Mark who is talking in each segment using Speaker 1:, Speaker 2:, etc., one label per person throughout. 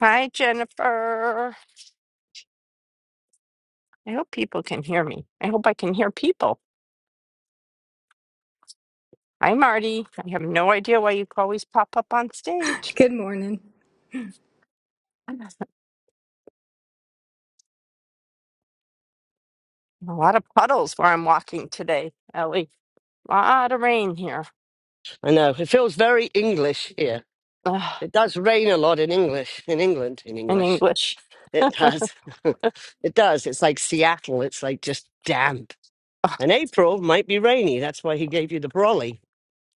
Speaker 1: Hi, Jennifer. I hope people can hear me. I hope I can hear people. Hi, Marty. I have no idea why you always pop up on stage.
Speaker 2: Good morning.
Speaker 1: A lot of puddles where I'm walking today, Ellie. A lot of rain here.
Speaker 3: I know. It feels very English here.
Speaker 1: Ugh,
Speaker 3: It does rain a lot in English, in England, in
Speaker 1: in
Speaker 3: English.
Speaker 1: English,
Speaker 3: It does. it does. It's like Seattle. It's like just damp. And April might be rainy. That's why he gave you the brolly.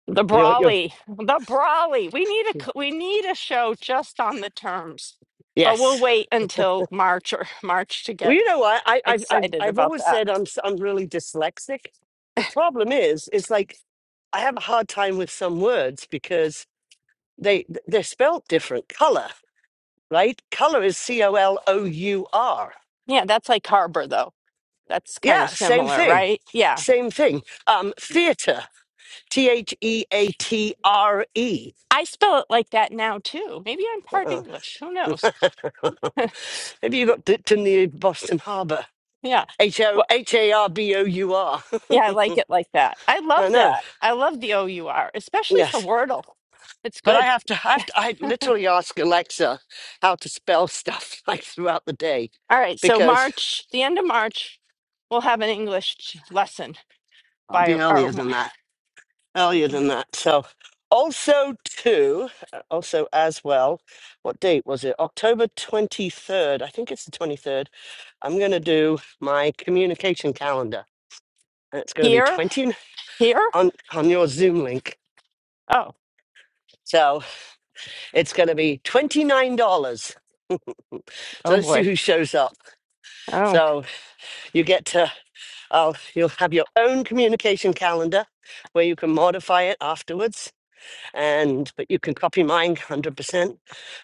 Speaker 1: the
Speaker 3: You know what you're.
Speaker 1: brawly, the brawly. We need a c- we need a show just on the terms, but we'll
Speaker 3: Yes.
Speaker 1: wait until March or March to
Speaker 3: Well,
Speaker 1: get
Speaker 3: you know what? I, I, I've,
Speaker 1: excited
Speaker 3: I've
Speaker 1: about
Speaker 3: always
Speaker 1: that.
Speaker 3: said I'm, s- I'm really dyslexic. The problem is, it's like I have a hard time with some words because they, they're spelt different. Color, right? Color is C O L O U R
Speaker 1: Yeah, that's like Harbor though. That's kind of
Speaker 3: Yeah, same
Speaker 1: similar,
Speaker 3: thing.
Speaker 1: right? Yeah,
Speaker 3: Same thing. Um, theater. T H E A T R E.
Speaker 1: I spell it like that now too. Maybe I'm part
Speaker 3: Uh-uh.
Speaker 1: English. Who knows?
Speaker 3: Maybe you got dipped in the Boston Harbor.
Speaker 1: yeah.
Speaker 3: H O
Speaker 1: Well,
Speaker 3: H A R B O U R.
Speaker 1: yeah, I like it like that. I
Speaker 3: I
Speaker 1: love
Speaker 3: know.
Speaker 1: that. I love the O U R, especially for
Speaker 3: Yes.
Speaker 1: Wordle. It's
Speaker 3: But I
Speaker 1: good.
Speaker 3: have to I have to I literally ask Alexa how to spell stuff like throughout the day
Speaker 1: All right. So
Speaker 3: because
Speaker 1: March, the end of March, we'll have an English lesson
Speaker 3: I'll
Speaker 1: by
Speaker 3: be
Speaker 1: our
Speaker 3: earlier than that. earlier than that. So, also too, uh, also as well, what date was it? October twenty third. I think it's the twenty third. I'm going to do my communication calendar, and it's going to be
Speaker 1: here.
Speaker 3: twenty
Speaker 1: Here?
Speaker 3: on on your Zoom link.
Speaker 1: Oh.
Speaker 3: So it's going to be twenty nine dollars. So
Speaker 1: Oh
Speaker 3: let's see
Speaker 1: boy.
Speaker 3: who shows up.
Speaker 1: Oh.
Speaker 3: So you get to, oh, you'll have your own communication calendar where you can modify it afterwards, and but you can copy mine one hundred percent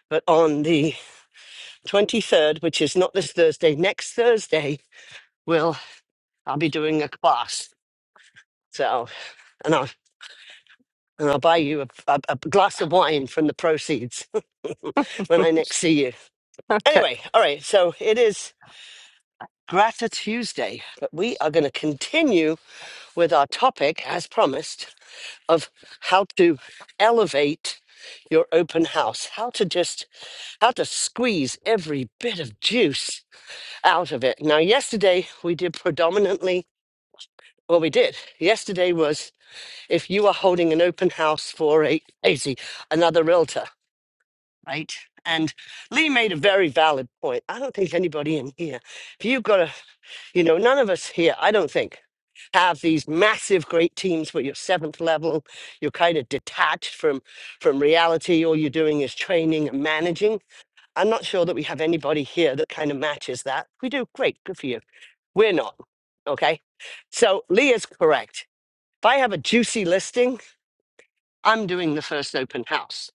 Speaker 3: but on the 23rd, which is not this Thursday, next Thursday, will I'll be doing a class. So, and I'll, and I'll buy you a, a, a glass of wine from the proceeds when I next see you.
Speaker 1: okay.
Speaker 3: Anyway, all right, so it is Grata Tuesday, but we are going to continue with our topic, as promised, of how to elevate your open house, how to just, how to squeeze every bit of juice out of it. Now, yesterday we did predominantly Well, we did. Yesterday was if you are holding an open house for a Casey, another realtor, right? And Lee made a very valid point. I don't think anybody in here, if you've got a, you know, none of us here, I don't think, have these massive great teams where you're seventh level, you're kind of detached from from reality. All you're doing is training and managing. I'm not sure that we have anybody here that kind of matches that. If we do, great, good for you. We're not. Okay. So Lee is correct if I have a juicy listing, I'm doing the first open house,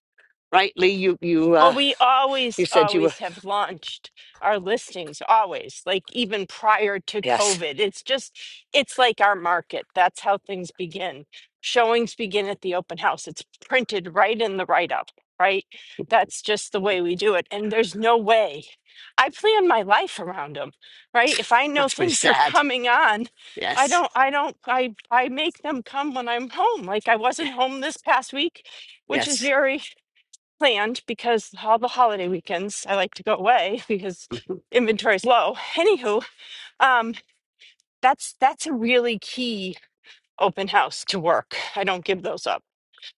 Speaker 3: right? Lee, you you
Speaker 1: Well,
Speaker 3: uh,
Speaker 1: we
Speaker 3: you
Speaker 1: always,
Speaker 3: said you were
Speaker 1: always have launched our listings, always, like even prior to
Speaker 3: yes.
Speaker 1: COVID. It's just, it's like our market. That's how things begin. Showings begin at the open house. It's printed right in the write up, right? That's just the way we do it. And there's no way. I plan my life around them, right? If I know
Speaker 3: That's pretty
Speaker 1: things are
Speaker 3: sad.
Speaker 1: coming on, I
Speaker 3: Yes,
Speaker 1: don't, I don't, I, I make them come when I'm home. Like I wasn't home this past week, which is
Speaker 3: yes.
Speaker 1: very planned because all the holiday weekends I like to go away because
Speaker 3: Mhm.
Speaker 1: inventory's low. Anywho, um, that's that's a really key open house to work. I don't give those up.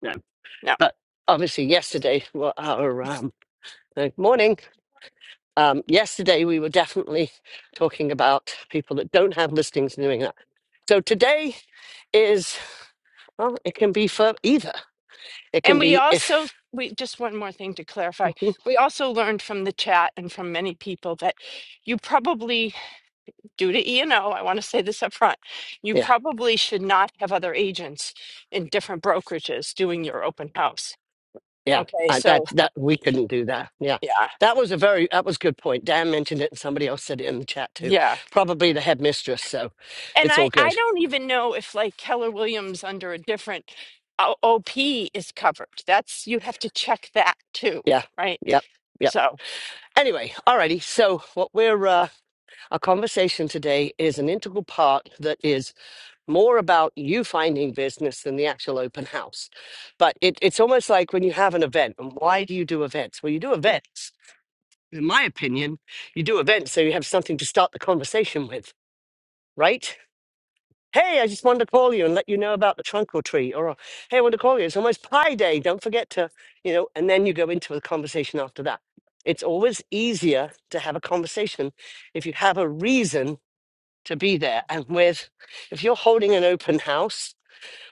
Speaker 3: no,
Speaker 1: No.
Speaker 3: but obviously yesterday, well, our um, uh, morning. Um, yesterday we were definitely talking about people that don't have listings and doing that. So today is well, it can be for either. It can
Speaker 1: And we
Speaker 3: be
Speaker 1: also
Speaker 3: if
Speaker 1: we just one more thing to clarify. We also learned from the chat and from many people that you probably due to E and O, I want to say this up front, you
Speaker 3: yeah.
Speaker 1: probably should not have other agents in different brokerages doing your open house.
Speaker 3: Yeah,
Speaker 1: Okay,
Speaker 3: uh,
Speaker 1: so
Speaker 3: that that we couldn't do that. Yeah,
Speaker 1: yeah.
Speaker 3: that was a very that was a good point. Dan mentioned it, and somebody else said it in the chat too.
Speaker 1: Yeah.
Speaker 3: Probably the headmistress. So
Speaker 1: and
Speaker 3: it's
Speaker 1: I
Speaker 3: all
Speaker 1: I
Speaker 3: good.
Speaker 1: don't even know if like Keller Williams under a different O- OP is covered. That's you have to check that too,
Speaker 3: Yeah,
Speaker 1: right?
Speaker 3: yep, yep.
Speaker 1: So
Speaker 3: Anyway, alrighty. So what we're uh, our conversation today is an integral part that is more about you finding business than the actual open house. But it, it's almost like when you have an event. And why do you do events? Well, you do events. In my opinion, you do events so you have something to start the conversation with, right? Hey, I just wanted to call you and let you know about the trunk or treat. Or, hey, I want to call you. It's almost pie day. Don't forget to, you know, and then you go into a conversation after that. It's always easier to have a conversation if you have a reason to be there. And with, if you're holding an open house,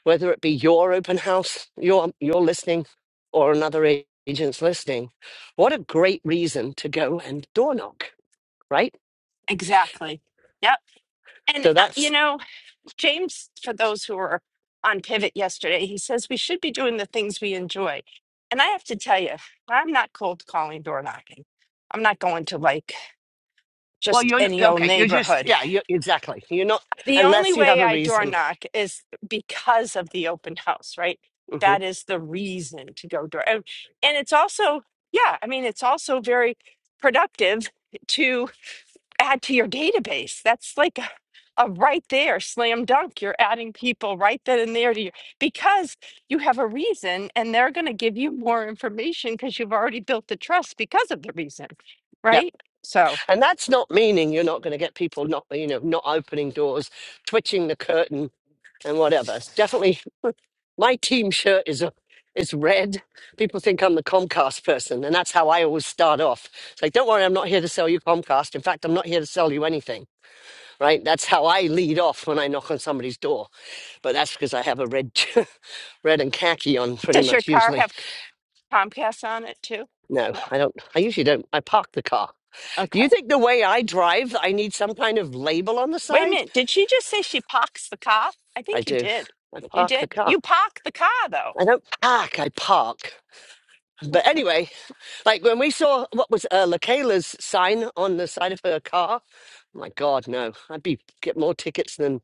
Speaker 3: whether it be your open house, your, your listening, or another a- agent's listening, what a great reason to go and door knock, right?
Speaker 1: exactly, yep. And
Speaker 3: So
Speaker 1: uh,
Speaker 3: that's
Speaker 1: you know, James, for those who were on Pivot yesterday, he says we should be doing the things we enjoy. And I have to tell you, I'm not cold calling door knocking. I'm not going to like
Speaker 3: Well,
Speaker 1: just
Speaker 3: you're n-
Speaker 1: any old
Speaker 3: okay. You're just
Speaker 1: neighborhood
Speaker 3: yeah. You exactly. You're not
Speaker 1: The only
Speaker 3: unless you have
Speaker 1: way
Speaker 3: a
Speaker 1: I door
Speaker 3: reason.
Speaker 1: knock is because of the open house, right?
Speaker 3: hmm
Speaker 1: That is the reason to go door. And, and it's also, yeah, I mean, it's also very productive to add to your database. That's like a, a right there slam dunk. You're adding people right then and there to you because you have a reason and they're going to give you more information because you've already built the trust because of the reason,
Speaker 3: Yep.
Speaker 1: right? So,
Speaker 3: And that's not meaning you're not going to get people not you know not opening doors, twitching the curtain, and whatever. It's definitely my team shirt is a is red. People think I'm the Comcast person, and that's how I always start off. It's like, don't worry, I'm not here to sell you Comcast. In fact, I'm not here to sell you anything. Right? That's how I lead off when I knock on somebody's door. But that's because I have a red red and khaki on pretty
Speaker 1: does your
Speaker 3: much
Speaker 1: car
Speaker 3: usually.
Speaker 1: have Comcast on it too?
Speaker 3: No,
Speaker 1: No.
Speaker 3: I don't. I usually don't. I park the car. Do
Speaker 1: Okay.
Speaker 3: you think the way I drive, I need some kind of label on the
Speaker 1: Wait a
Speaker 3: side?
Speaker 1: minute. Did she just say she parks the car? I
Speaker 3: I
Speaker 1: think you
Speaker 3: do.
Speaker 1: did.
Speaker 3: I
Speaker 1: You
Speaker 3: park the
Speaker 1: did. You
Speaker 3: car.
Speaker 1: park the car, though.
Speaker 3: I don't park, I park. But anyway, like when we saw what was uh, LaKayla's sign on the side of her car, my God, no. I'd be get more tickets than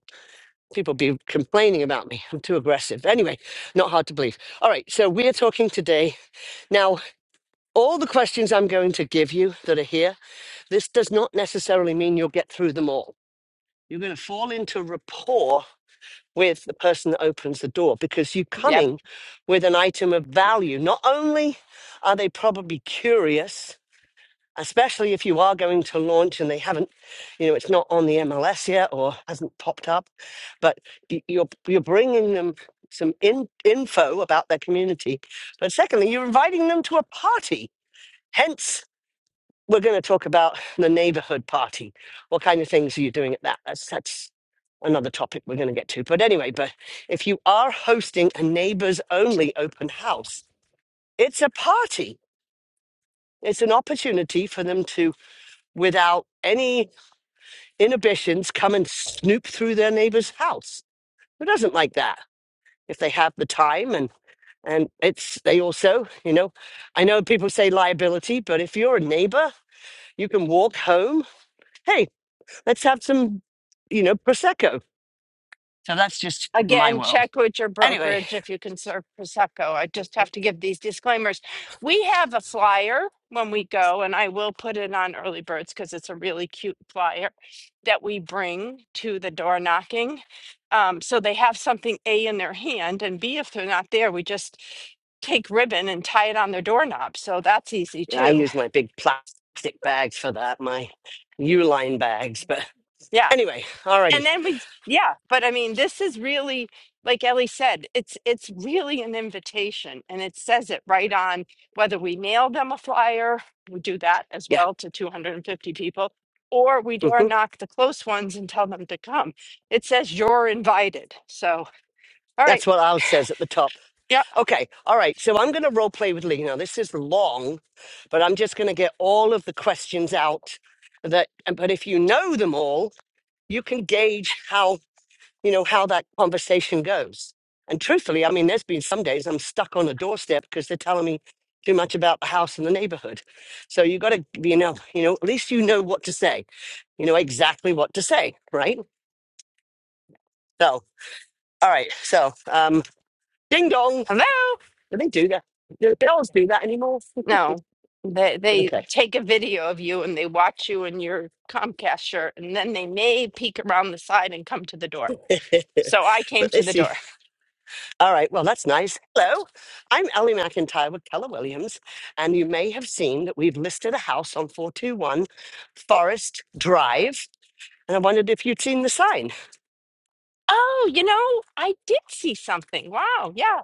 Speaker 3: people be complaining about me. I'm too aggressive. Anyway, not hard to believe. All right, so we're talking today. Now, all the questions I'm going to give you that are here, this does not necessarily mean you'll get through them all You're going to fall into rapport with the person that opens the door because you're
Speaker 1: Yep.
Speaker 3: coming with an item of value. Not only are they probably curious, especially if you are going to launch and they haven't, you know, it's not on the MLS yet or hasn't popped up, but y- you're you're bringing them some in, info about their community. But secondly, you're inviting them to a party. Hence we're going to talk about the neighborhood party. What kind of things are you doing at that? That's that's another topic we're going to get to. But anyway, but if you are hosting a neighbors only open house, it's a party. It's an opportunity for them to, without any inhibitions, come and snoop through their neighbor's house. Who doesn't like that? If they have the time and and it's they also, you know, I know people say liability, but if you're a neighbor, you can walk home. Hey, Let's have some, you know, prosecco. So that's just my
Speaker 1: Again,
Speaker 3: world.
Speaker 1: check with your
Speaker 3: Anyway,
Speaker 1: brokerage if you can serve Prosecco. I just have to give these disclaimers. We have a flyer when we go, and I will put it on Early Birds because it's a really cute flyer that we bring to the door knocking. Um, so they have something A in their hand, and B, if they're not there, we just take ribbon and tie it on their doorknob. So that's easy
Speaker 3: yeah, I
Speaker 1: too.
Speaker 3: use my big plastic bags for that, my Uline bags. But
Speaker 1: Yeah.
Speaker 3: anyway,
Speaker 1: and
Speaker 3: alrighty,
Speaker 1: then we yeah but i mean this is really like ellie said it's it's really an invitation and it says it right on whether we mail them a flyer we do that as
Speaker 3: yeah,
Speaker 1: well to 250 people or we dare
Speaker 3: hmm
Speaker 1: knock the close ones and tell them to come it says you're invited so all right
Speaker 3: that's what ours says at the top.
Speaker 1: yeah
Speaker 3: Okay, all right. So I'm going to role play with Lee now. This is long, but I'm just going to get all of the questions out. That, but if you know them all, you can gauge how you know, how that conversation goes. And truthfully, I mean, there's been some days I'm stuck on a doorstep because they're telling me too much about the house and the neighborhood. So you got to, you know, you know, at least you know what to say. You know exactly what to say, right? So, all right. So, um, ding dong.
Speaker 1: hello
Speaker 3: Do they do that? Do bells do that anymore?
Speaker 1: no they they
Speaker 3: Okay.
Speaker 1: take a video of you and they watch you in your comcast shirt and then they may peek around the side and come to the door so i came
Speaker 3: but
Speaker 1: to
Speaker 3: let's
Speaker 1: the
Speaker 3: see.
Speaker 1: door
Speaker 3: All right, well, that's nice. Hello, I'm Ellie McIntyre with Keller Williams, and you may have seen that we've listed a house on 421 Forest Drive, and I wondered if you'd seen the sign.
Speaker 1: Oh, you know, I did see something. Wow. Yeah.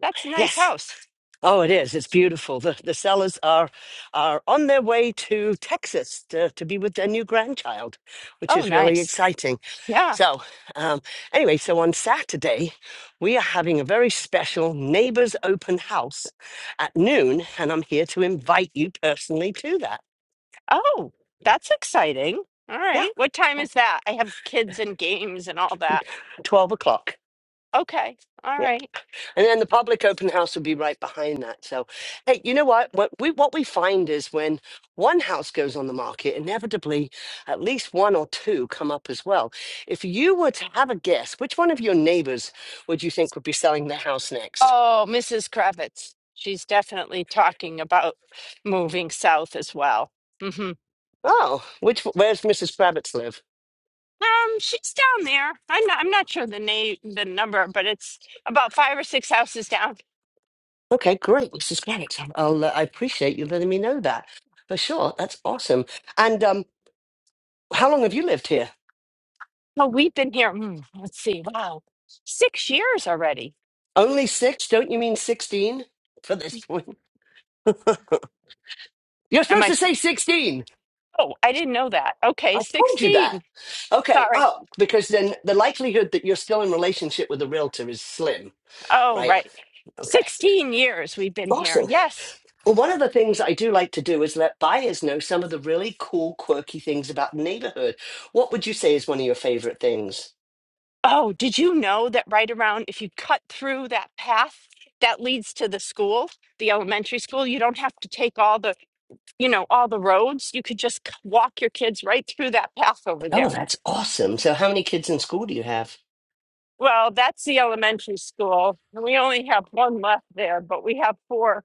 Speaker 1: That's a nice
Speaker 3: Yes.
Speaker 1: house.
Speaker 3: Oh, it is. It's beautiful. The, the sellers are are on their way to Texas to, to be with their new grandchild, which
Speaker 1: Oh,
Speaker 3: is really
Speaker 1: nice.
Speaker 3: exciting.
Speaker 1: Yeah.
Speaker 3: So, um, anyway, so on Saturday, we are having a very special neighbors open house at noon, and I'm here to invite you personally to that.
Speaker 1: Oh, that's exciting. All
Speaker 3: Yeah,
Speaker 1: right. What time is that? I have kids and games and all that.
Speaker 3: 12 o'clock.
Speaker 1: Okay. All
Speaker 3: Yeah.
Speaker 1: right.
Speaker 3: And then the public open house will be right behind that. So, hey, you know what? What we, what we find is when one house goes on the market, inevitably at least one or two come up as well. If you were to have a guess, which one of your neighbors would you think would be selling their house next?
Speaker 1: Oh, Mrs. Kravitz. She's definitely talking about moving south as well. hmm
Speaker 3: Oh, which where's Mrs. Kravitz live?
Speaker 1: Um, she's down there. I'm not, I'm not sure the name, the number, but it's about five or six houses down.
Speaker 3: Okay, great, Mrs. Kravitz. I'll uh, I appreciate you letting me know that for sure. That's awesome. And um, how long have you lived here?
Speaker 1: Well, we've been here. mm, let's see. Wow, six years already.
Speaker 3: Only six? Don't you mean sixteen? For this point, you're
Speaker 1: Am
Speaker 3: supposed
Speaker 1: I?
Speaker 3: to
Speaker 1: sp-
Speaker 3: say sixteen.
Speaker 1: Oh, I didn't know that. Okay,
Speaker 3: I told you that.
Speaker 1: 16.
Speaker 3: Okay.
Speaker 1: Sorry.
Speaker 3: Oh, because then the likelihood that you're still in relationship with a realtor is slim,
Speaker 1: Oh,
Speaker 3: right?
Speaker 1: right.
Speaker 3: Okay.
Speaker 1: 16 years we've been here.
Speaker 3: Awesome.
Speaker 1: Yes.
Speaker 3: Well, one of the things I do like to do is let buyers know some of the really cool, quirky things about the neighborhood. What would you say is one of your favorite things?
Speaker 1: Oh, did you know that right around, if you cut through that path that leads to the school, the elementary school, you don't have to take all the, you know, all the roads. You could just c- walk your kids right through that path over
Speaker 3: Oh,
Speaker 1: there.
Speaker 3: that's awesome. So, how many kids in school do you have?
Speaker 1: Well, that's the elementary school. and We only have one left there, but we have four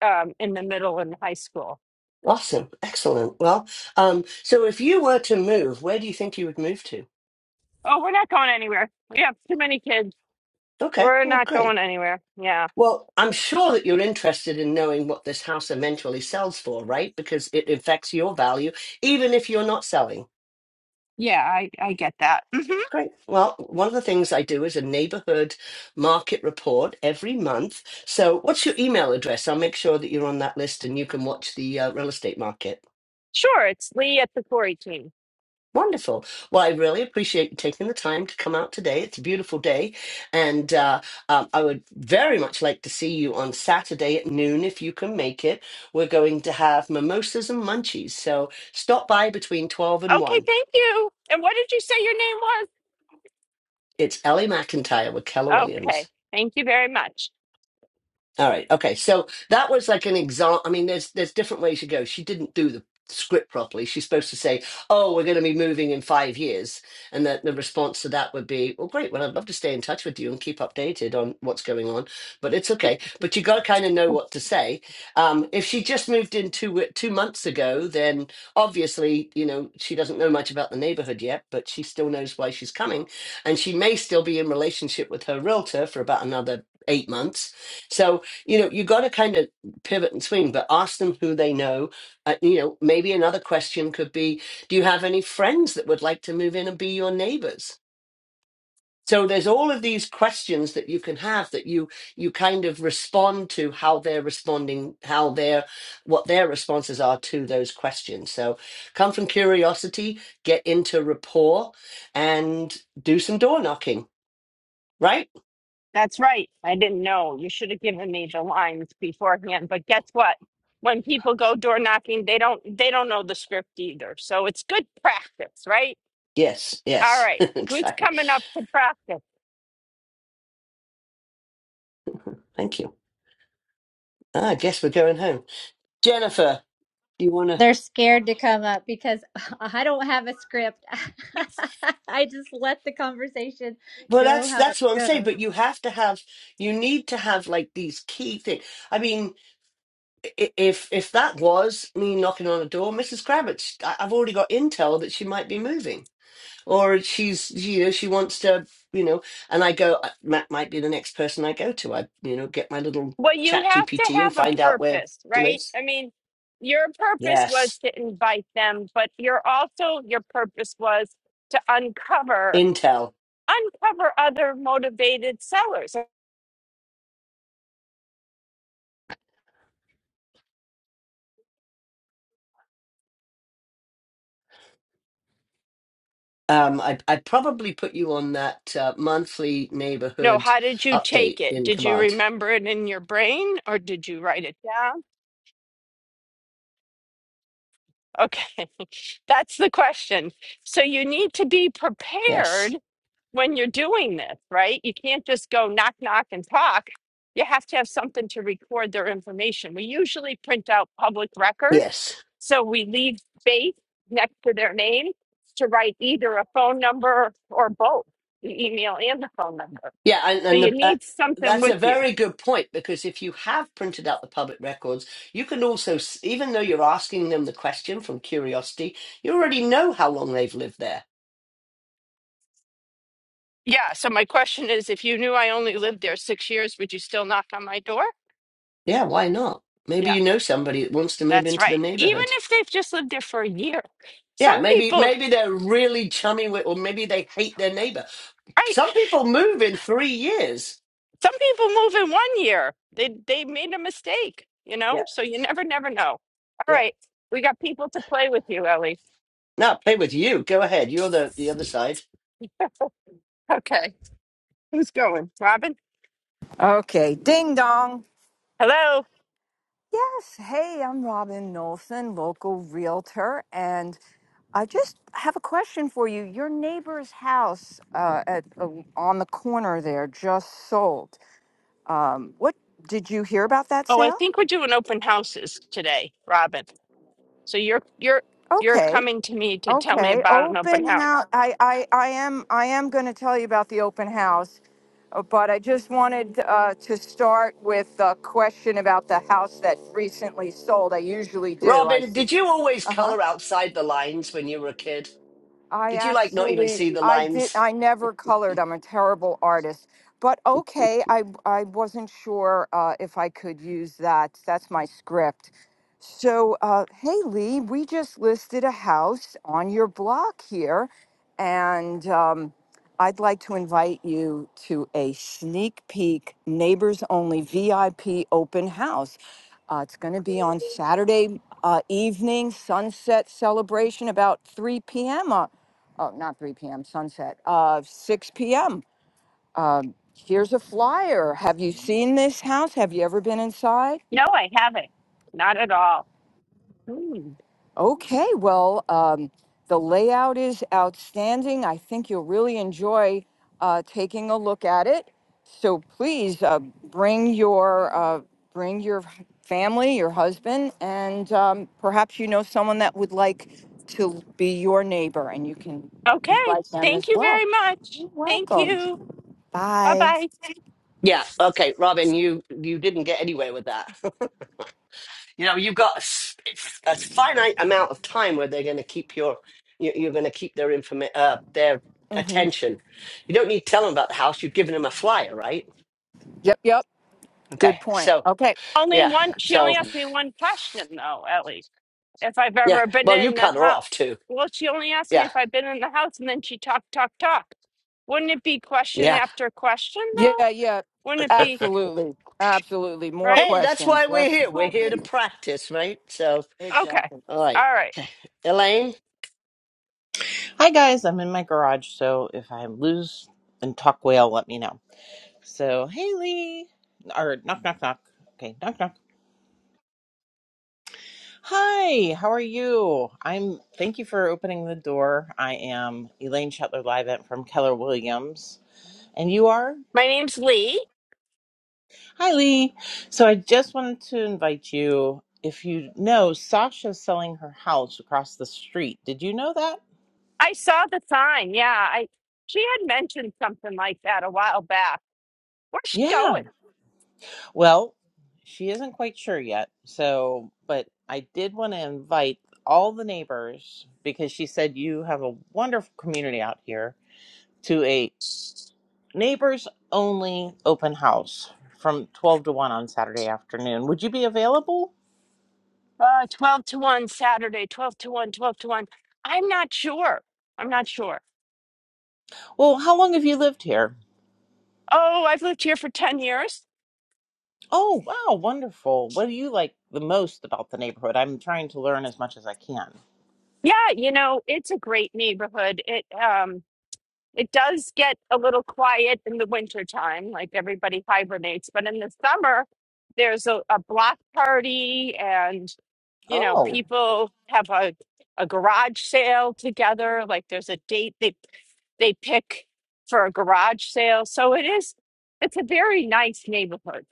Speaker 1: um, in the middle and high school.
Speaker 3: Awesome. Excellent. Well, um, so if you were to move, where do you think you would move to?
Speaker 1: Oh, we're not going anywhere. We have too many kids.
Speaker 3: Okay.
Speaker 1: We're
Speaker 3: Well,
Speaker 1: not
Speaker 3: great.
Speaker 1: going anywhere. Yeah.
Speaker 3: Well, I'm sure that you're interested in knowing what this house eventually sells for, right? Because it affects your value, even if you're not selling.
Speaker 1: Yeah, I, I get that. hmm
Speaker 3: Great. Well, one of the things I do is a neighborhood market report every month. So, what's your email address? I'll make sure that you're on that list and you can watch the uh, real estate market.
Speaker 1: Sure, it's Lee at the Corey team.
Speaker 3: Wonderful. Well, I really appreciate you taking the time to come out today. It's a beautiful day. And uh, um, I would very much like to see you on Saturday at noon if you can make it. We're going to have mimosas and munchies. So, stop by between 12 and
Speaker 1: Okay,
Speaker 3: 1.
Speaker 1: thank you. And what did you say your name was?
Speaker 3: It's Ellie McIntyre with Keller Williams.
Speaker 1: Okay, thank you very much.
Speaker 3: All right. Okay. So that was like an example. I mean, there's there's different ways you go. She didn't do the script properly. She's supposed to say, "Oh, we're going to be moving in five years," and that the response to that would be, "Well, great. Well, I'd love to stay in touch with you and keep updated on what's going on, but it's okay." But you got to kind of know what to say. Um, if she just moved in two wi- two months ago, then obviously, you know, she doesn't know much about the neighborhood yet, but she still knows why she's coming, and she may still be in relationship with her realtor for about another eight months. So you know you got to kind of pivot and swing but ask them who they know uh, you know maybe another question could be do you have any friends that would like to move in and be your neighbors so there's all of these questions that you can have that you you kind of respond to how they're responding how their what their responses are to those questions so come from curiosity get into rapport and do some door knocking right
Speaker 1: That's right. I didn't know. You should have given me the lines beforehand. But guess what? When people go door knocking, they don't they don't know the script either. So it's good practice, right?
Speaker 3: yes
Speaker 1: All
Speaker 3: yes
Speaker 1: right. Who's
Speaker 3: exactly
Speaker 1: coming up to practice?
Speaker 3: thank you Ah, i guess we're going home Jennifer, you want to?
Speaker 4: They're scared to come up because I don't have a script. I just let the conversation
Speaker 3: Well,
Speaker 4: go
Speaker 3: that's
Speaker 4: how it
Speaker 3: that's what I'm saying.
Speaker 4: goes.
Speaker 3: But you have to have, you need to have like these key things. I mean, i- if if that was me knocking on a door, Mrs. Kravitz, I- I've already got intel that she might be moving, or she's you know she wants to you know, and I go uh, Matt might be the next person I go to. I you know get my little
Speaker 1: Well, you
Speaker 3: Chat
Speaker 1: have to
Speaker 3: GPT and
Speaker 1: have a
Speaker 3: find out where
Speaker 1: purpose,
Speaker 3: she
Speaker 1: right?
Speaker 3: lives.
Speaker 1: I mean, your purpose was
Speaker 3: Yes,
Speaker 1: to invite them, but you're also your purpose was to uncover
Speaker 3: intel.
Speaker 1: uncover other motivated sellers.
Speaker 3: Um, I I probably put you on that uh, monthly
Speaker 1: No,
Speaker 3: neighborhood
Speaker 1: how did you take
Speaker 3: update
Speaker 1: it?
Speaker 3: in
Speaker 1: Did you
Speaker 3: command.
Speaker 1: remember it in your brain or did you write it down? Okay, that's the question. So you need to be
Speaker 3: Yes,
Speaker 1: prepared when you're doing this, right? You can't just go knock, knock, and talk. You have to have something to record their information. We usually print out public record.
Speaker 3: yes,
Speaker 1: So we leave space next to their name to write either a phone number or both, the email and the phone number.
Speaker 3: yeah, and,
Speaker 1: So
Speaker 3: and
Speaker 1: you
Speaker 3: the, uh,
Speaker 1: need something
Speaker 3: that's a
Speaker 1: with you.
Speaker 3: very good point because if you have printed out the public records, you can also, s- even though you're asking them the question from curiosity, you already know how long they've lived there.
Speaker 1: Yeah. So my question is if you knew I only lived there six years, would you still knock on my door?
Speaker 3: Yeah, why not? Maybe
Speaker 1: Yeah.
Speaker 3: you know somebody that wants to move
Speaker 1: That's
Speaker 3: into the
Speaker 1: right. Even
Speaker 3: neighborhood.
Speaker 1: if they've just lived there for a year.
Speaker 3: Yeah,
Speaker 1: Some
Speaker 3: maybe
Speaker 1: people,
Speaker 3: maybe they're really chummy with, or maybe they hate their neighbor.
Speaker 1: right?
Speaker 3: Some people move in three years.
Speaker 1: Some people move in one year. They they made a mistake, you
Speaker 3: Yeah,
Speaker 1: know? So you never never know. All
Speaker 3: yeah.
Speaker 1: right. We got people to play with you, Ellie.
Speaker 3: Now play with you. Go ahead. You're the the other side.
Speaker 1: Okay. Who's going? Robin?
Speaker 5: Okay, ding dong.
Speaker 1: Hello.
Speaker 5: Yes, hey, I'm Robin Nolson, local realtor, and I just have a question for you. Your neighbor's house uh, at uh, on the corner there just sold. Um, what did you hear about that
Speaker 1: Oh, I
Speaker 5: sale?
Speaker 1: think we're doing open houses today, Robin. So you're you're you're
Speaker 5: Okay,
Speaker 1: coming to me to tell me
Speaker 5: okay.
Speaker 1: about an open
Speaker 5: Open
Speaker 1: house.
Speaker 5: house. I, I, I am, I am going to tell you about the open house, uh, but I just wanted uh, to start with a question about the house that recently sold. I usually do. I
Speaker 3: Robin,
Speaker 5: just.
Speaker 3: did you always
Speaker 5: Uh huh.
Speaker 3: color outside the lines when you were a kid?
Speaker 5: I
Speaker 3: Did you like not even
Speaker 5: actually,
Speaker 3: see the
Speaker 5: I did,
Speaker 3: lines?
Speaker 5: I never colored. I'm a terrible artist. But okay, I, I wasn't sure uh, if I could use that. That's my script. So, uh, hey, Lee, we just listed a house on your block here, and um, I'd like to invite you to a sneak peek neighbors only VIP open house. Uh, it's going to be on Saturday uh, evening, sunset celebration about 3 p.m oh, not 3 p.m., sunset, uh, 6 p.m. Um, here's a flyer. Have you seen this house? Have you ever been inside?
Speaker 1: No, I haven't. Not at all. Hmm.
Speaker 5: Okay, well, um, the layout is outstanding. I think you'll really enjoy uh, taking a look at it. So please uh, bring your uh, bring your h- family, your husband, and um, perhaps you know someone that would like to be your neighbor, and you can
Speaker 1: Okay.
Speaker 5: invite them
Speaker 1: Thank
Speaker 5: as
Speaker 1: you
Speaker 5: well.
Speaker 1: very much.
Speaker 5: You're
Speaker 1: Thank
Speaker 5: welcome.
Speaker 1: you. Bye
Speaker 5: Bye.
Speaker 1: bye.
Speaker 3: Yeah. Okay, Robin, you you didn't get anywhere with that. you know, you've got a, s- it's a finite amount of time where they're going to keep your you- you're going to keep their informa- uh, their
Speaker 5: hmm
Speaker 3: attention. You don't need to tell them about the house. You've given them a flyer, right?
Speaker 5: Yep, yep.
Speaker 3: Okay.
Speaker 5: Good point.
Speaker 3: So,
Speaker 5: Okay.
Speaker 1: Only
Speaker 3: yeah.
Speaker 1: one. She only
Speaker 3: So,
Speaker 1: asked me one question though, Ellie. If I've
Speaker 3: yeah.
Speaker 1: ever been
Speaker 3: Well, you
Speaker 1: in the
Speaker 3: cut her
Speaker 1: house.
Speaker 3: off too.
Speaker 1: Well, she only asked me
Speaker 3: Yeah.
Speaker 1: if I've been in the house, and then she talked, talk, talk. Wouldn't it be question
Speaker 3: Yeah.
Speaker 1: after question though?
Speaker 5: Yeah, yeah.
Speaker 1: Wouldn't it be
Speaker 5: Absolutely. Absolutely. More
Speaker 1: right?
Speaker 3: Hey, that's why
Speaker 5: questions.
Speaker 3: we're
Speaker 5: Less.
Speaker 3: here. We're here to practice, right? So,
Speaker 1: Okay.
Speaker 5: Exactly.
Speaker 3: all right.
Speaker 1: All right.
Speaker 3: Elaine,
Speaker 6: Hi guys, I'm in my garage, so if I lose and talk whale, let me know. So, Haley, or knock, knock, knock. Okay, knock, knock. Hi, how are you? I'm. Thank you for opening the door. I am Elaine Shetler Live from Keller Williams, and you are
Speaker 1: My name's Lee.
Speaker 6: Hi Lee. So I just wanted to invite you. If you know, Sasha's selling her house across the street. Did you know that?
Speaker 1: I saw the sign. Yeah, I. She had mentioned something like that a while back. Where's she
Speaker 6: Yeah.
Speaker 1: going?
Speaker 6: Well, she isn't quite sure yet. So, but I did want to invite all the neighbors because she said you have a wonderful community out here to a neighbors only open house from 12 to 1 on Saturday afternoon. Would you be available?
Speaker 1: Uh, twelve to one Saturday. Twelve to one. Twelve to one. I'm not sure. I'm not sure.
Speaker 6: Well, how long have you lived here?
Speaker 1: Oh, I've lived here for ten years.
Speaker 6: Oh, wow, wonderful. What do you like the most about the neighborhood? I'm trying to learn as much as I can.
Speaker 1: Yeah, you know, it's a great neighborhood. It um it does get a little quiet in the winter time, like everybody hibernates, but in the summer there's a, a block party and you know,
Speaker 6: Oh,
Speaker 1: people have a a garage sale together, like there's a date they they pick for a garage sale. So it is it's a very nice neighborhood.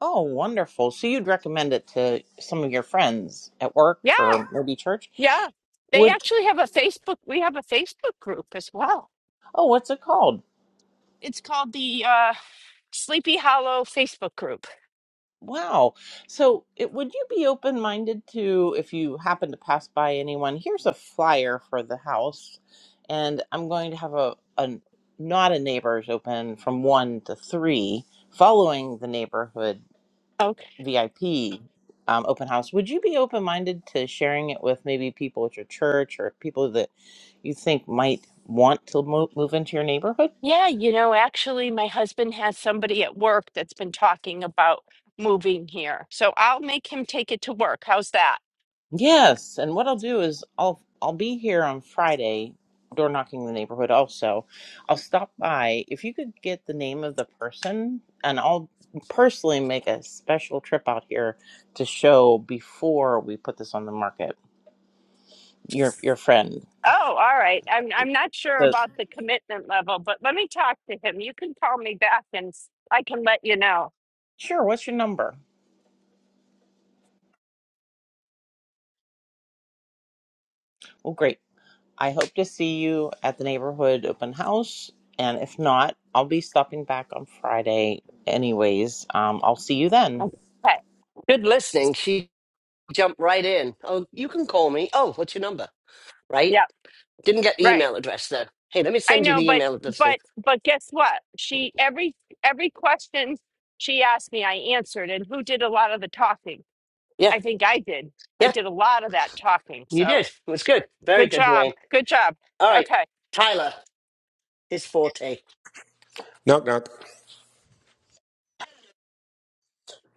Speaker 6: oh, wonderful. So you'd recommend it to some of your friends at work
Speaker 1: Yeah,
Speaker 6: or maybe church?
Speaker 1: yeah. They
Speaker 6: Would
Speaker 1: actually have a Facebook we have a Facebook group as well.
Speaker 6: oh, what's it called?
Speaker 1: It's called the uh Sleepy Hollow Facebook group.
Speaker 6: Wow. So, it, would you be open minded to if you happen to pass by anyone? Here's a flyer for the house, and I'm going to have a, a not a neighbors open from one to three, following the neighborhood
Speaker 1: Oh,
Speaker 6: VIP um, open house. Would you be open minded to sharing it with maybe people at your church or people that you think might want to move, move into your neighborhood?
Speaker 1: yeah, you know, actually, my husband has somebody at work that's been talking about moving here. So I'll make him take it to work. How's that?
Speaker 6: Yes, and what I'll do is I'll I'll be here on Friday, door knocking the neighborhood also. I'll stop by. If you could get the name of the person and I'll personally make a special trip out here to show before we put this on the market. Your your friend.
Speaker 1: Oh, all right. I'm I'm not sure
Speaker 6: So
Speaker 1: about the commitment level, but let me talk to him. You can call me back and s- I can let you know.
Speaker 6: sure, what's your number? Well great. I hope to see you at the neighborhood open house. And if not, I'll be stopping back on Friday anyways. Um, I'll see you then.
Speaker 1: Okay.
Speaker 3: good listening. She jumped right in. Oh, you can call me. Oh, what's your number? Right?
Speaker 1: Yeah,
Speaker 3: Didn't get the
Speaker 1: right.
Speaker 3: email address, though. Hey, let me
Speaker 1: I
Speaker 3: send you
Speaker 1: know,
Speaker 3: the
Speaker 1: but
Speaker 3: email address thing.
Speaker 1: but but guess what? She every every question she asked me, I answered, and who did a lot of the talking?
Speaker 3: Yeah,
Speaker 1: I think I did. I
Speaker 3: yeah,
Speaker 1: did a lot of that talking.
Speaker 3: you
Speaker 1: So
Speaker 3: did. It was good. Very
Speaker 1: good
Speaker 3: good,
Speaker 1: job.
Speaker 3: Elaine.
Speaker 1: Good job.
Speaker 3: All right.
Speaker 1: Okay.
Speaker 3: Tyler, his forte.
Speaker 7: Knock, knock.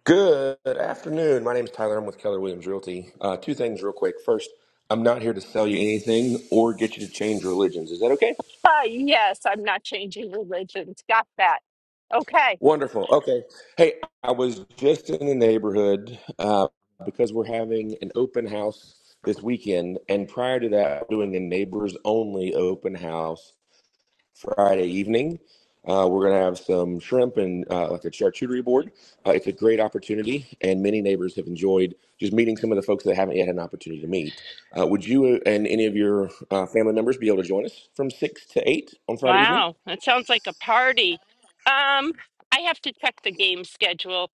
Speaker 7: Good afternoon. My name is Tyler. I'm with Keller Williams Realty. Uh, two things, real quick. First, I'm not here to sell you anything or get you to change religions. Is that okay?
Speaker 1: Uh, yes, I'm not changing religions. Got that. Okay.
Speaker 7: Wonderful. Okay. Hey, I was just in the neighborhood uh, because we're having an open house this weekend. And prior to that, doing a neighbors only open house Friday evening. Uh, we're going to have some shrimp and uh, like a charcuterie board. Uh, it's a great opportunity, and many neighbors have enjoyed just meeting some of the folks that haven't yet had an opportunity to meet. Uh, would you and any of your uh, family members be able to join us from 6 to 8 on Friday evening?
Speaker 1: Wow. That sounds like a party. Um, I have to check the game schedule.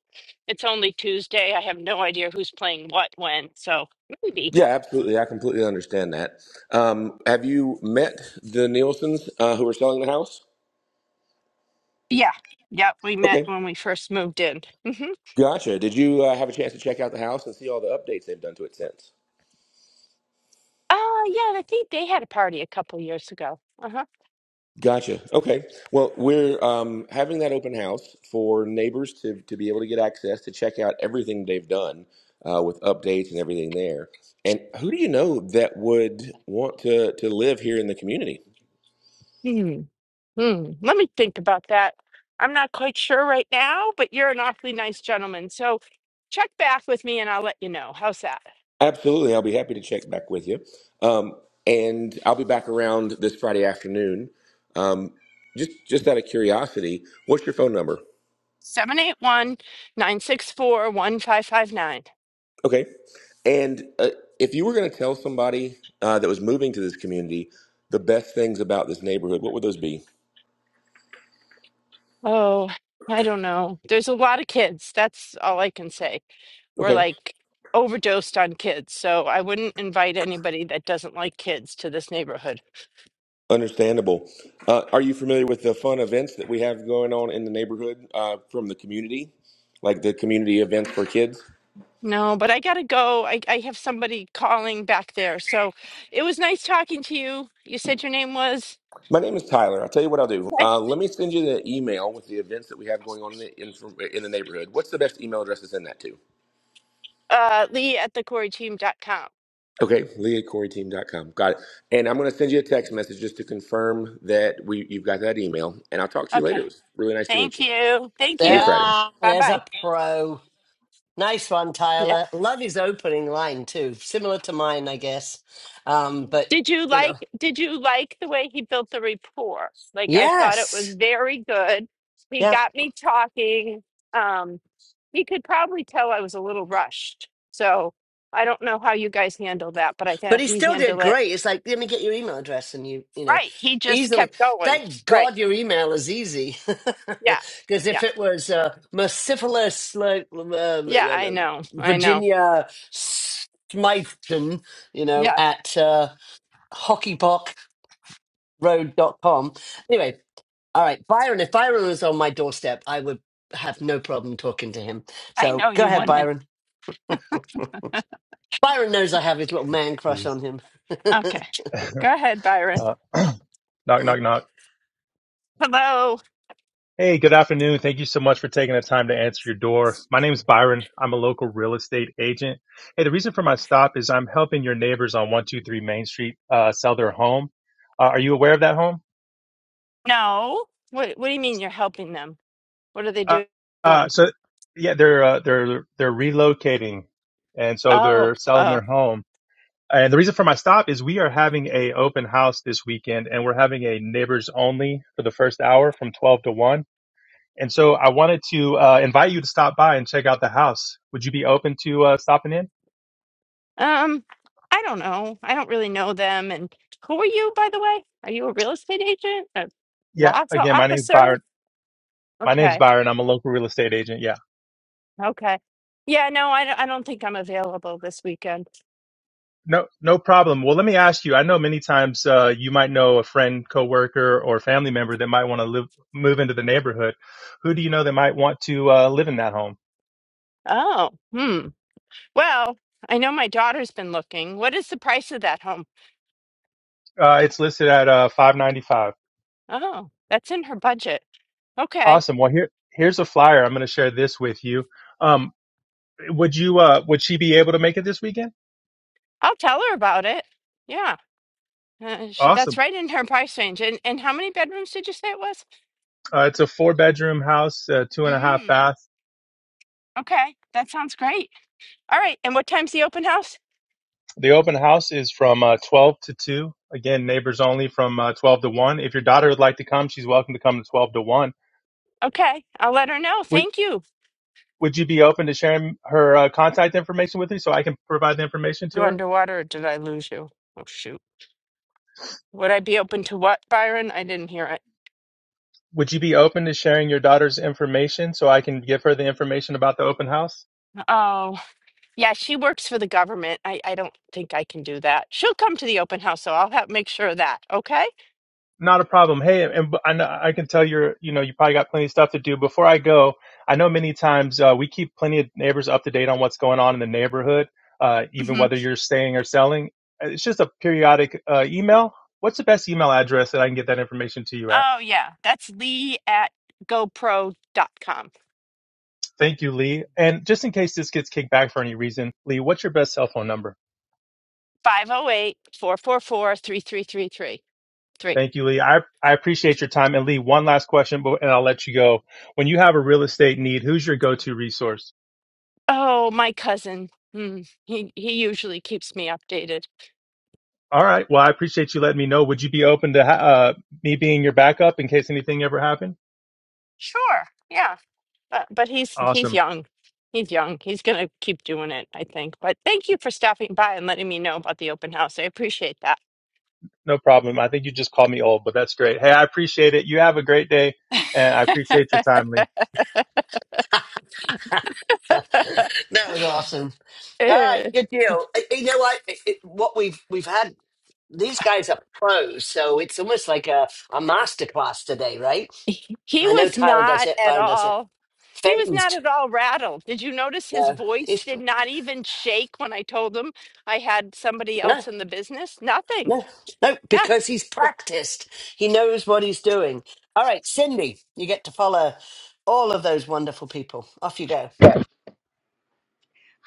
Speaker 1: It's only Tuesday. I have no idea who's playing what when. So maybe.
Speaker 7: Yeah, absolutely. I completely understand that. Um, have you met the Nielsen's uh, who are selling the house?
Speaker 1: Yeah. Yep. We met
Speaker 7: Okay.
Speaker 1: when we first moved in. Mm-hmm.
Speaker 7: Gotcha. Did you uh, have a chance to check out the house and see all the updates they've done to it since?
Speaker 1: Oh, yeah. I think they had a party a couple years ago. Uh
Speaker 7: Gotcha. Okay. Well, we're um, having that open house for neighbors to, to be able to get access to check out everything they've done uh, with updates and everything there. And who do you know that would want to, to live here in the community?
Speaker 1: huh. Hmm, let me think about that. I'm not quite sure right now, but you're an awfully nice gentleman. So check back with me and I'll let you know. How's that?
Speaker 7: Absolutely. I'll be happy to check back with you. Um, and I'll be back around this Friday afternoon. Um, just, just out of curiosity, what's your phone number?
Speaker 1: 781 964 1559.
Speaker 7: Okay. And uh, if you were going to tell somebody uh, that was moving to this community the best things about this neighborhood, what would those be?
Speaker 1: Oh, I don't know. There's a lot of kids. That's all I can say. We're
Speaker 7: Okay,
Speaker 1: like overdosed on kids. So I wouldn't invite anybody that doesn't like kids to this neighborhood.
Speaker 7: understandable. Uh, are you familiar with the fun events that we have going on in the neighborhood uh, from the community, like the community events for kids?
Speaker 1: No, but I gotta go. I, I have somebody calling back there. So it was nice talking to you. You said your name was?
Speaker 7: My name is Tyler. I'll tell you what I'll do. Uh, let me send you the email with the events that we have going on in the, in, in the neighborhood. What's the best email address to send that to?
Speaker 1: uh, Lee at the corey team dot com.
Speaker 7: Okay, Lee at CoreyTeam.com. Got it. And I'm going to send you a text message just to confirm that we you've got that email. And I'll talk to you later.
Speaker 1: Okay.
Speaker 7: It was really nice to meet
Speaker 1: Thank
Speaker 7: you.
Speaker 1: you. Thank
Speaker 7: See you
Speaker 1: you.
Speaker 7: Friday.
Speaker 3: Ah,
Speaker 1: Bye
Speaker 3: there's
Speaker 1: bye.
Speaker 3: a pro. Nice one,
Speaker 1: Yeah.
Speaker 3: Tyler. Love his opening line, too. Similar to mine, I guess. Um, but,
Speaker 1: Did you
Speaker 3: you know,
Speaker 1: like did you like the way he built the rapport? Like I thought it was
Speaker 3: yes.
Speaker 1: very good. He
Speaker 3: yeah.
Speaker 1: got me talking. Um he could probably tell I was a little rushed. So I don't know how you guys handle that, but I
Speaker 3: But
Speaker 1: think
Speaker 3: he
Speaker 1: he
Speaker 3: still did
Speaker 1: handled it
Speaker 3: great. It's like, let me get your email address and you, you know,
Speaker 1: right. He just
Speaker 3: easily.
Speaker 1: kept going.
Speaker 3: Thank
Speaker 1: Right.
Speaker 3: God your email is easy.
Speaker 1: Yeah.
Speaker 3: Because
Speaker 1: Yeah.
Speaker 3: if it was uh, mercifulous, like uh,
Speaker 1: Yeah,
Speaker 3: uh,
Speaker 1: I know. I know.
Speaker 3: Virginia Smythton, you know,
Speaker 1: Yeah.
Speaker 3: at uh, hockey pock road dot com. Anyway, all right, Byron, if Byron was on my doorstep, I would have no problem talking to him.
Speaker 1: I
Speaker 3: So
Speaker 1: know
Speaker 3: go
Speaker 1: you
Speaker 3: ahead,
Speaker 1: wouldn't.
Speaker 3: Byron. Byron knows I have his little man crush
Speaker 8: Please.
Speaker 3: on him.
Speaker 1: Okay. Go ahead, Byron.
Speaker 8: Uh, knock, knock, knock.
Speaker 1: Hello.
Speaker 8: Hey, good afternoon. Thank you so much for taking the time to answer your door. My name is Byron. I'm a local real estate agent. Hey, the reason for my stop is I'm helping your neighbors on 123 Main Street uh, sell their home. Uh, are you aware of that home?
Speaker 1: No. What What do you mean you're helping them? What are they
Speaker 8: Uh,
Speaker 1: do-
Speaker 8: uh,
Speaker 1: doing?
Speaker 8: so, yeah, they're uh, they're they're relocating, and so
Speaker 1: Oh,
Speaker 8: they're selling
Speaker 1: oh.
Speaker 8: their home. And the reason for my stop is we are having a open house this weekend, and we're having a neighbors only for the first hour from 12 to 1 And so I wanted to uh, invite you to stop by and check out the house. Would you be open to uh, stopping in?
Speaker 1: Um, I don't know. I don't really know them. And who are you, by the way? Are you a real estate agent? A
Speaker 8: Yeah.
Speaker 1: law
Speaker 8: Again, my name's
Speaker 1: officer?
Speaker 8: Byron. My name's
Speaker 1: Okay,
Speaker 8: Byron. I'm a local real estate agent. Yeah.
Speaker 1: okay. Yeah, no, I don't, I don't think I'm available this weekend.
Speaker 8: No, no problem. Well, let me ask you. I know many times uh, you might know a friend, coworker, or family member that might want to live, move into the neighborhood. Who do you know that might want to uh, live in that home?
Speaker 1: Oh, hmm. Well, I know my daughter's been looking. What is the price of that home?
Speaker 8: Uh, it's listed at uh, 595.
Speaker 1: Oh, that's in her budget. Okay,
Speaker 8: Awesome. Well, here, here's a flyer. I'm going to share this with you. Um, would you, uh, would she be able to make it this weekend?
Speaker 1: I'll tell her about it. Yeah. Uh, sh-
Speaker 8: Awesome.
Speaker 1: that's right in her price range. And and how many bedrooms did you say it was?
Speaker 8: Uh, it's a four bedroom house, uh, two and a half
Speaker 1: Mm,
Speaker 8: bath.
Speaker 1: okay, that sounds great. All right, and what time's the open house?
Speaker 8: The open house is from uh, 12 to 2. Again, neighbors only from uh, 12 to 1. If your daughter would like to come, she's welcome to come to 12 to 1.
Speaker 1: Okay, I'll let her know.
Speaker 8: Would,
Speaker 1: Thank you.
Speaker 8: would you be open to sharing her uh, contact information with me so I can provide the information
Speaker 1: Go
Speaker 8: to her?
Speaker 1: underwater, or did I lose you? Oh shoot. Would I be open to what, Byron? I didn't hear it.
Speaker 8: Would you be open to sharing your daughter's information so I can give her the information about the open house?
Speaker 1: Oh, yeah, she works for the government. I, I don't think I can do that. She'll come to the open house, so I'll have make sure of that. Okay.
Speaker 8: Not a problem. Hey, and b- I know I can tell you're, you know, you probably got plenty of stuff to do. Before I go, I know many times uh, we keep plenty of neighbors up to date on what's going on in the neighborhood, uh, even
Speaker 1: hmm
Speaker 8: whether you're staying or selling. It's just a periodic uh, email. What's the best email address that I can get that information to you at?
Speaker 1: Oh yeah, that's Lee at GoPro dot com.
Speaker 8: Thank you, Lee. And just in case this gets kicked back for any reason, Lee, what's your best cell phone number?
Speaker 1: 508 444 3333. Three.
Speaker 8: Thank you, Lee. I, I appreciate your time. And Lee, one last question, but and I'll let you go. When you have a real estate need, who's your go-to resource?
Speaker 1: Oh, my cousin. Hmm. He he usually keeps me updated.
Speaker 8: All right. Well, I appreciate you letting me know. Would you be open to ha- uh, me being your backup in case anything ever happened?
Speaker 1: Sure. Yeah. But but he's he's
Speaker 8: Awesome.
Speaker 1: young. He's young. He's gonna keep doing it, I think. But thank you for stopping by and letting me know about the open house. I appreciate that.
Speaker 8: No problem. I think you just called me old, but that's great. Hey, I appreciate it. You have a great day, and I appreciate your time, Lee.
Speaker 3: That was awesome. All right,
Speaker 1: Eh.
Speaker 3: good deal. Uh, You know what? It, it- what we've we've had these guys are pros, so it's almost like a a master class today, right?
Speaker 1: He he
Speaker 3: I know
Speaker 1: was
Speaker 3: Tyler does
Speaker 1: not
Speaker 3: it,
Speaker 1: at
Speaker 3: Byron does it.
Speaker 1: all. He was not
Speaker 3: Phased.
Speaker 1: at all rattled. Did you notice his
Speaker 3: No,
Speaker 1: voice
Speaker 3: he's
Speaker 1: did not even shake when I told him I had somebody
Speaker 3: no,
Speaker 1: else in the business? Nothing.
Speaker 3: no, no,
Speaker 1: Yeah,
Speaker 3: because he's practiced. He knows what he's doing. All right, Cindy, you get to follow all of those wonderful people. Off you go.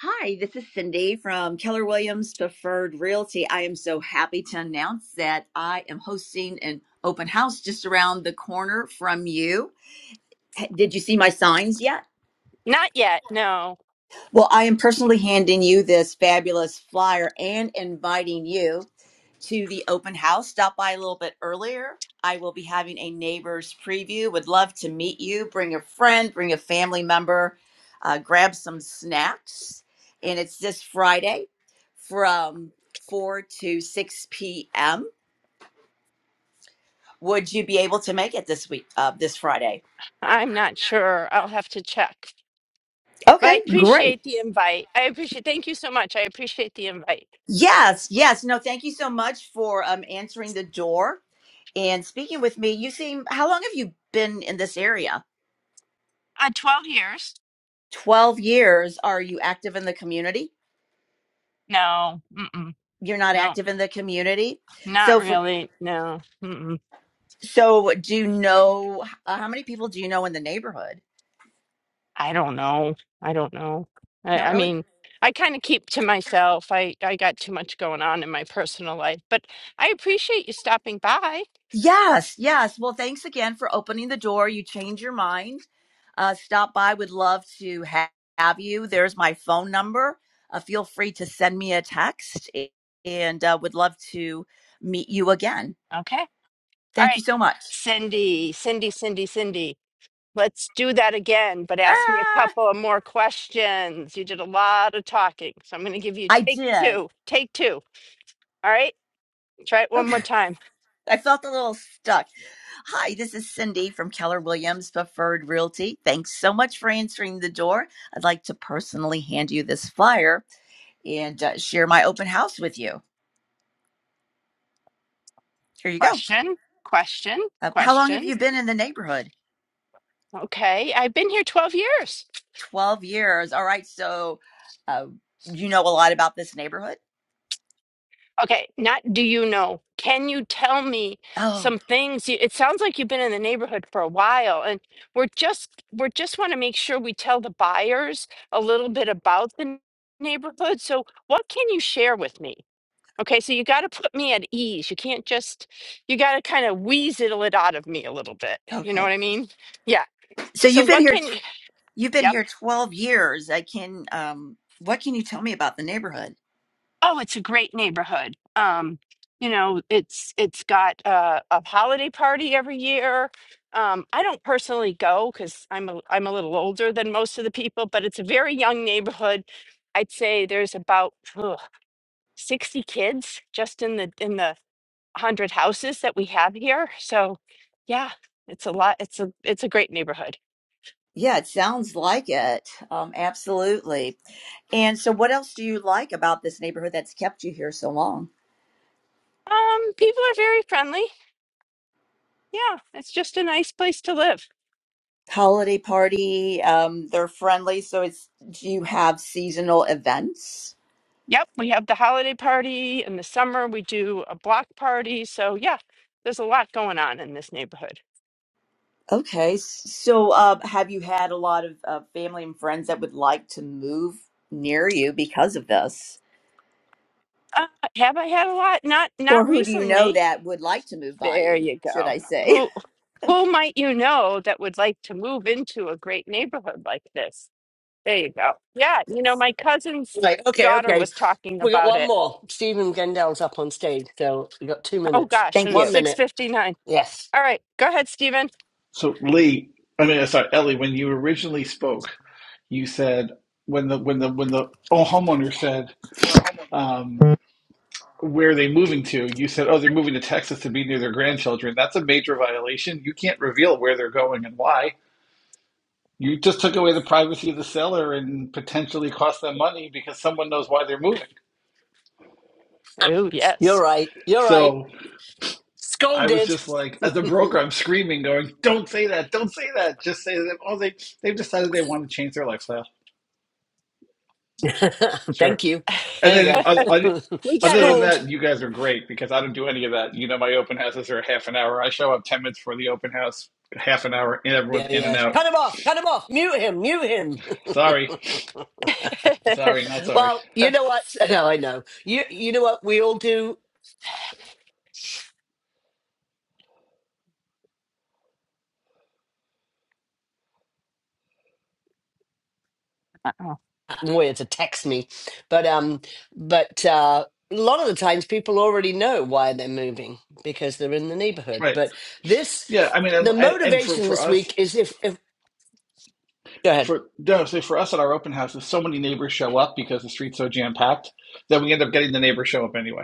Speaker 9: Hi, this is Cindy from Keller Williams Preferred Realty. I am so happy to announce that I am hosting an open house just around the corner from you. Did you see my signs yet?
Speaker 1: not yet. No,
Speaker 9: Well, I am personally handing you this fabulous flyer and inviting you to the open house. Stop by a little bit earlier. I will be having a neighbor's preview. Would love to meet you. Bring a friend, bring a family member, uh, grab some snacks. And it's this Friday from 4 to 6 p.m. Would you be able to make it this week, uh, this Friday?
Speaker 1: I'm not sure. I'll have to check. But I
Speaker 9: Okay, great.
Speaker 1: appreciate the invite. I appreciate. Thank you so much. I appreciate the invite.
Speaker 9: Yes, yes. No, thank you so much for um, answering the door. and speaking with me. You seem, how long have you been in this area?
Speaker 1: Uh, twelve years?
Speaker 9: 12 years. Are you active in the community?
Speaker 1: No, mm-mm,
Speaker 9: You're not
Speaker 1: no,
Speaker 9: active in the community.
Speaker 1: not
Speaker 9: So, for,
Speaker 1: really. No, mm-mm.
Speaker 9: so do you know uh, how many people do you know in the neighborhood?
Speaker 1: I don't know. I don't know. I,
Speaker 9: Not
Speaker 1: I
Speaker 9: really.
Speaker 1: mean, I kind of keep to myself. I I got too much going on in my personal life. But I appreciate you stopping by.
Speaker 9: Yes, yes. Well, thanks again for opening the door. You change your mind. Uh, stop by. Would love to ha- have you. There's my phone number. Uh, feel free to send me a text a- and uh, would love to meet you again.
Speaker 1: Okay. All
Speaker 9: Thank you
Speaker 1: right,
Speaker 9: so much.
Speaker 1: Cindy, Cindy, Cindy, Cindy. Let's do that again, but ask me a
Speaker 9: Ah,
Speaker 1: couple of more questions. You did a lot of talking, so I'm going to give you
Speaker 9: I
Speaker 1: take
Speaker 9: did.
Speaker 1: two. Take two. All right, try it one
Speaker 9: Okay.
Speaker 1: more time.
Speaker 9: I felt a little stuck. Hi, this is Cindy from Keller Williams Preferred Realty. Thanks so much for answering the door. I'd like to personally hand you this flyer and uh, share my open house with you. Here you go.
Speaker 1: Question, question,
Speaker 9: Uh, how long have
Speaker 1: question.
Speaker 9: you been in the neighborhood?
Speaker 1: Okay, I've been here 12 years.
Speaker 9: 12 years. All right. So, uh, you know a lot about this neighborhood?
Speaker 1: Okay, not do you know? Can you tell me
Speaker 9: Oh,
Speaker 1: some things? You- It sounds like you've been in the neighborhood for a while, and we're just we're just want to make sure we tell the buyers a little bit about the neighborhood. So, what can you share with me? Okay, so you got to put me at ease. You can't just, you got to kind of weasel it out of me a little bit. You know
Speaker 9: okay.
Speaker 1: what I mean? Yeah.
Speaker 9: So
Speaker 1: So
Speaker 9: you've been
Speaker 1: what
Speaker 9: here
Speaker 1: can you,
Speaker 9: you've been
Speaker 1: yep.
Speaker 9: here 12 years. I can um what can you tell me about the neighborhood?
Speaker 1: Oh, it's a great neighborhood. Um, you know, it's it's got uh, a holiday party every year. Um, I don't personally go because I'm a, I'm a little older than most of the people, but it's a very young neighborhood. I'd say there's about ugh, 60 kids just in the in the hundred houses that we have here. So yeah, it's a lot. It's a it's a great neighborhood.
Speaker 9: Yeah, it sounds like it. Um, absolutely. And so, what else do you like about this neighborhood that's kept you here so long?
Speaker 1: Um, people are very friendly. Yeah, it's just a nice place to live.
Speaker 9: Holiday party. Um, they're friendly. So, it's do you have seasonal events?
Speaker 1: Yep, we have the holiday party in the summer. We do a block party. So yeah, there's a lot going on in this neighborhood.
Speaker 9: Okay. s- So, uh, have you had a lot of uh, family and friends that would like to move near you because of this,
Speaker 1: Uh, have I had a lot? Not
Speaker 9: or
Speaker 1: not
Speaker 9: who do you know
Speaker 1: recently.
Speaker 9: that would like to move by
Speaker 1: There
Speaker 9: you?
Speaker 1: you
Speaker 9: Should
Speaker 1: go.
Speaker 9: I say?
Speaker 1: Who who might you know that would like to move into a great neighborhood like this? There you go. Yeah, you know, my cousin's
Speaker 3: Right. Okay.
Speaker 1: daughter
Speaker 3: Okay.
Speaker 1: was talking
Speaker 3: We got
Speaker 1: about
Speaker 3: one
Speaker 1: it.
Speaker 3: more. Stephen Gendell's up on stage, so we got two
Speaker 1: Oh
Speaker 3: minutes.
Speaker 1: gosh,
Speaker 9: Thank
Speaker 1: and
Speaker 9: you.
Speaker 1: it's
Speaker 3: One minute.
Speaker 1: 6:59.
Speaker 3: Yes,
Speaker 1: All right, go ahead, Stephen.
Speaker 10: So Lee, I mean, sorry, Ellie, when you originally spoke, you said when the when the when the oh, homeowner said um, where are they moving to, you said, oh, they're moving to Texas to be near their grandchildren. That's a major violation. You can't reveal where they're going and why. You just took away the privacy of the seller and potentially cost them money because someone knows why they're moving.
Speaker 1: Oh,
Speaker 3: you're
Speaker 1: yes.
Speaker 3: right. You're right.
Speaker 10: So I was
Speaker 3: Scolded.
Speaker 10: just like, as a broker, I'm screaming, going, "Don't say that! Don't say that! Just say that! Oh, they they've decided they want to change their lifestyle. Sure."
Speaker 3: Thank you.
Speaker 10: And
Speaker 3: There
Speaker 10: then,
Speaker 3: you
Speaker 10: uh, uh,
Speaker 3: go.
Speaker 1: We got
Speaker 10: other than
Speaker 3: Schooled.
Speaker 10: that, you guys are great because I don't do any of that. You know, my open houses are half an hour. I show up 10 minutes for the open house, half an hour, and everyone's
Speaker 3: Yeah,
Speaker 10: in and
Speaker 3: yeah.
Speaker 10: out.
Speaker 3: Cut him off. Cut him off. Mute him. Mute him.
Speaker 10: Sorry.
Speaker 1: to
Speaker 10: Sorry, not sorry.
Speaker 3: well, you know what? No, I know. You you know what we all do.
Speaker 1: Uh-oh.
Speaker 3: I'm weird to text me, but um, but uh, a lot of the times people already know why they're moving because they're in the neighborhood.
Speaker 10: Right.
Speaker 3: But this,
Speaker 10: Yeah. I mean, and,
Speaker 3: the
Speaker 10: and and for,
Speaker 3: motivation
Speaker 10: for
Speaker 3: this
Speaker 10: us,
Speaker 3: week is if if go ahead.
Speaker 10: for no, say for us at our open houses, so many neighbors show up because the street's so jam packed that we end up getting the neighbors show up anyway.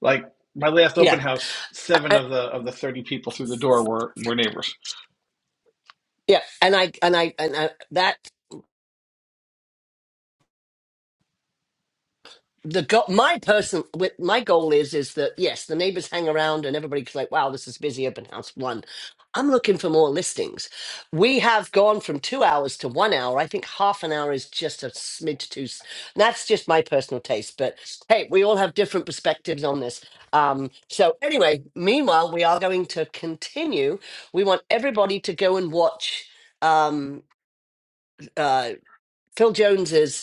Speaker 10: Like my last
Speaker 3: Yeah,
Speaker 10: open house,
Speaker 3: I,
Speaker 10: seven
Speaker 3: I-
Speaker 10: of the of the thirty people through the door were were neighbors.
Speaker 3: yeah. And I and I and I, that the go- my person with my goal is is that yes the neighbors hang around and everybody's like wow this is busy open house one i'm looking for more listings we have gone from two hours to one hour i think half an hour is just a smidge too s- that's just my personal taste but hey we all have different perspectives on this um, so anyway meanwhile we are going to continue we want everybody to go and watch um, uh, phil jones's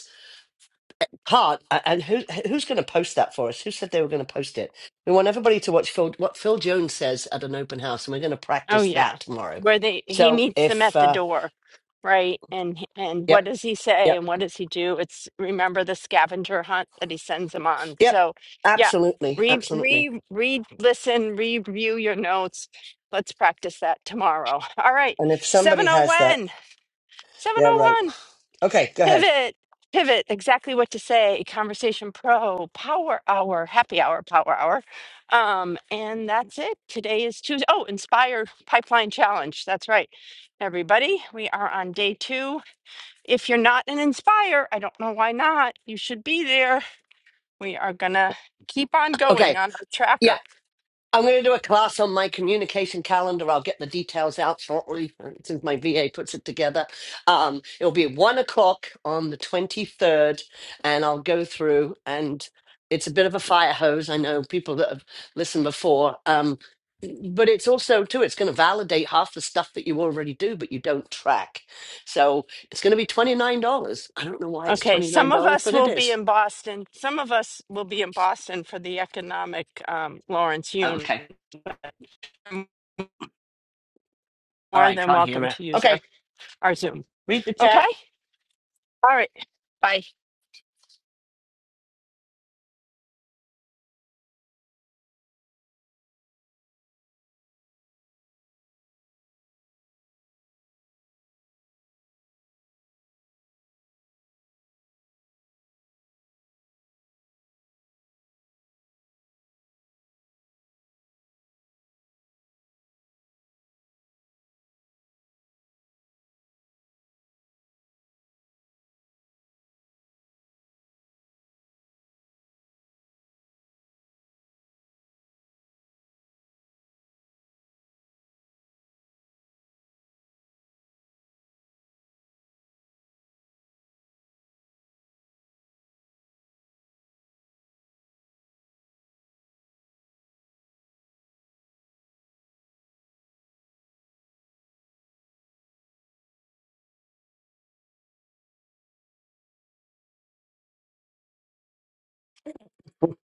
Speaker 3: Hard. A- And who who's going to post that for us? Who said they were going to post it? We want everybody to watch Phil, what Phil Jones says at an open house, and we're going to
Speaker 1: Oh
Speaker 3: practice
Speaker 1: yeah.
Speaker 3: that tomorrow.
Speaker 1: Where they he
Speaker 3: So
Speaker 1: meets them
Speaker 3: if
Speaker 1: at the
Speaker 3: uh,
Speaker 1: door, right? And h- and what
Speaker 3: yep,
Speaker 1: does he say
Speaker 3: yep,
Speaker 1: and what does he do? It's remember the scavenger hunt that he sends them on.
Speaker 3: yep,
Speaker 1: So, yeah.
Speaker 3: absolutely,
Speaker 1: Re
Speaker 3: absolutely.
Speaker 1: re read listen, review your notes. Let's practice that tomorrow. All right.
Speaker 3: And if somebody has that,
Speaker 1: 701.
Speaker 3: yeah, right.
Speaker 1: 701.
Speaker 3: Okay, go ahead.
Speaker 1: Pivot, pivot, exactly what to say. Conversation Pro, Power Hour, Happy Hour, Power Hour. Um, and that's it. Today is Tuesday. Oh, inspire Pipeline Challenge. That's right. Everybody, we are on day two. If you're not an Inspire, I don't know why not. You should be there. We are going to keep on going
Speaker 3: Okay,
Speaker 1: on our
Speaker 3: yeah.
Speaker 1: tracker.
Speaker 3: I'm going to do a class on my communication calendar. I'll get the details out shortly uh, since my VA puts it together. Um, it'll be one o'clock on the 23rd, and I'll go through. And it's a bit of a fire hose. I know people that have listened before, um, but it's also too. It's going to validate half the stuff that you already do, but you don't track. So it's going to be twenty nine dollars. I don't know why it's
Speaker 1: Okay,
Speaker 3: twenty nine
Speaker 1: some of
Speaker 3: dollars,
Speaker 1: us
Speaker 3: but it
Speaker 1: will be
Speaker 3: is.
Speaker 1: in Boston. Some of us will be in Boston for the economic um, Lawrence Yun
Speaker 3: Okay. All
Speaker 1: more
Speaker 3: right.
Speaker 1: than
Speaker 3: Can't hear
Speaker 1: welcome
Speaker 3: it.
Speaker 1: to use our
Speaker 3: Okay.
Speaker 1: our Zoom.
Speaker 3: Read the chat.
Speaker 1: Okay? All right. Bye.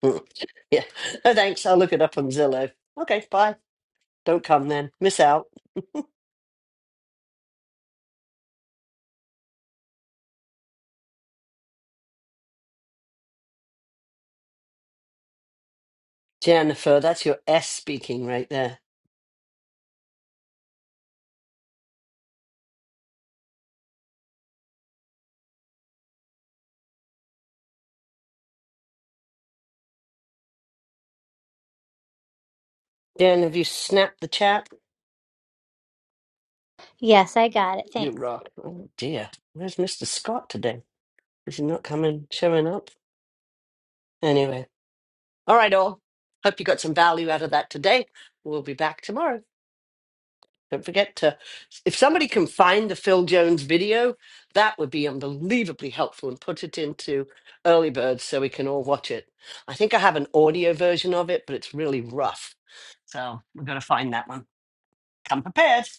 Speaker 3: Mm. yeah. No thanks. I'll look it up on Zillow. Okay, bye. Don't come then. Miss out. Jennifer, that's your S speaking right there. Jen, have you snapped the chat?
Speaker 4: Yes, I got it.
Speaker 3: You
Speaker 4: Thanks.
Speaker 3: rock. Oh dear. Where's Mr. Scott today? Is he not coming, showing up? Anyway. All right, all. Hope you got some value out of that today. We'll be back tomorrow. Don't forget to, if somebody can find the Phil Jones video, that would be unbelievably helpful and put it into Early Birds so we can all watch it. I think I have an audio version of it, but it's really rough. So we're going to find that one. Come prepared.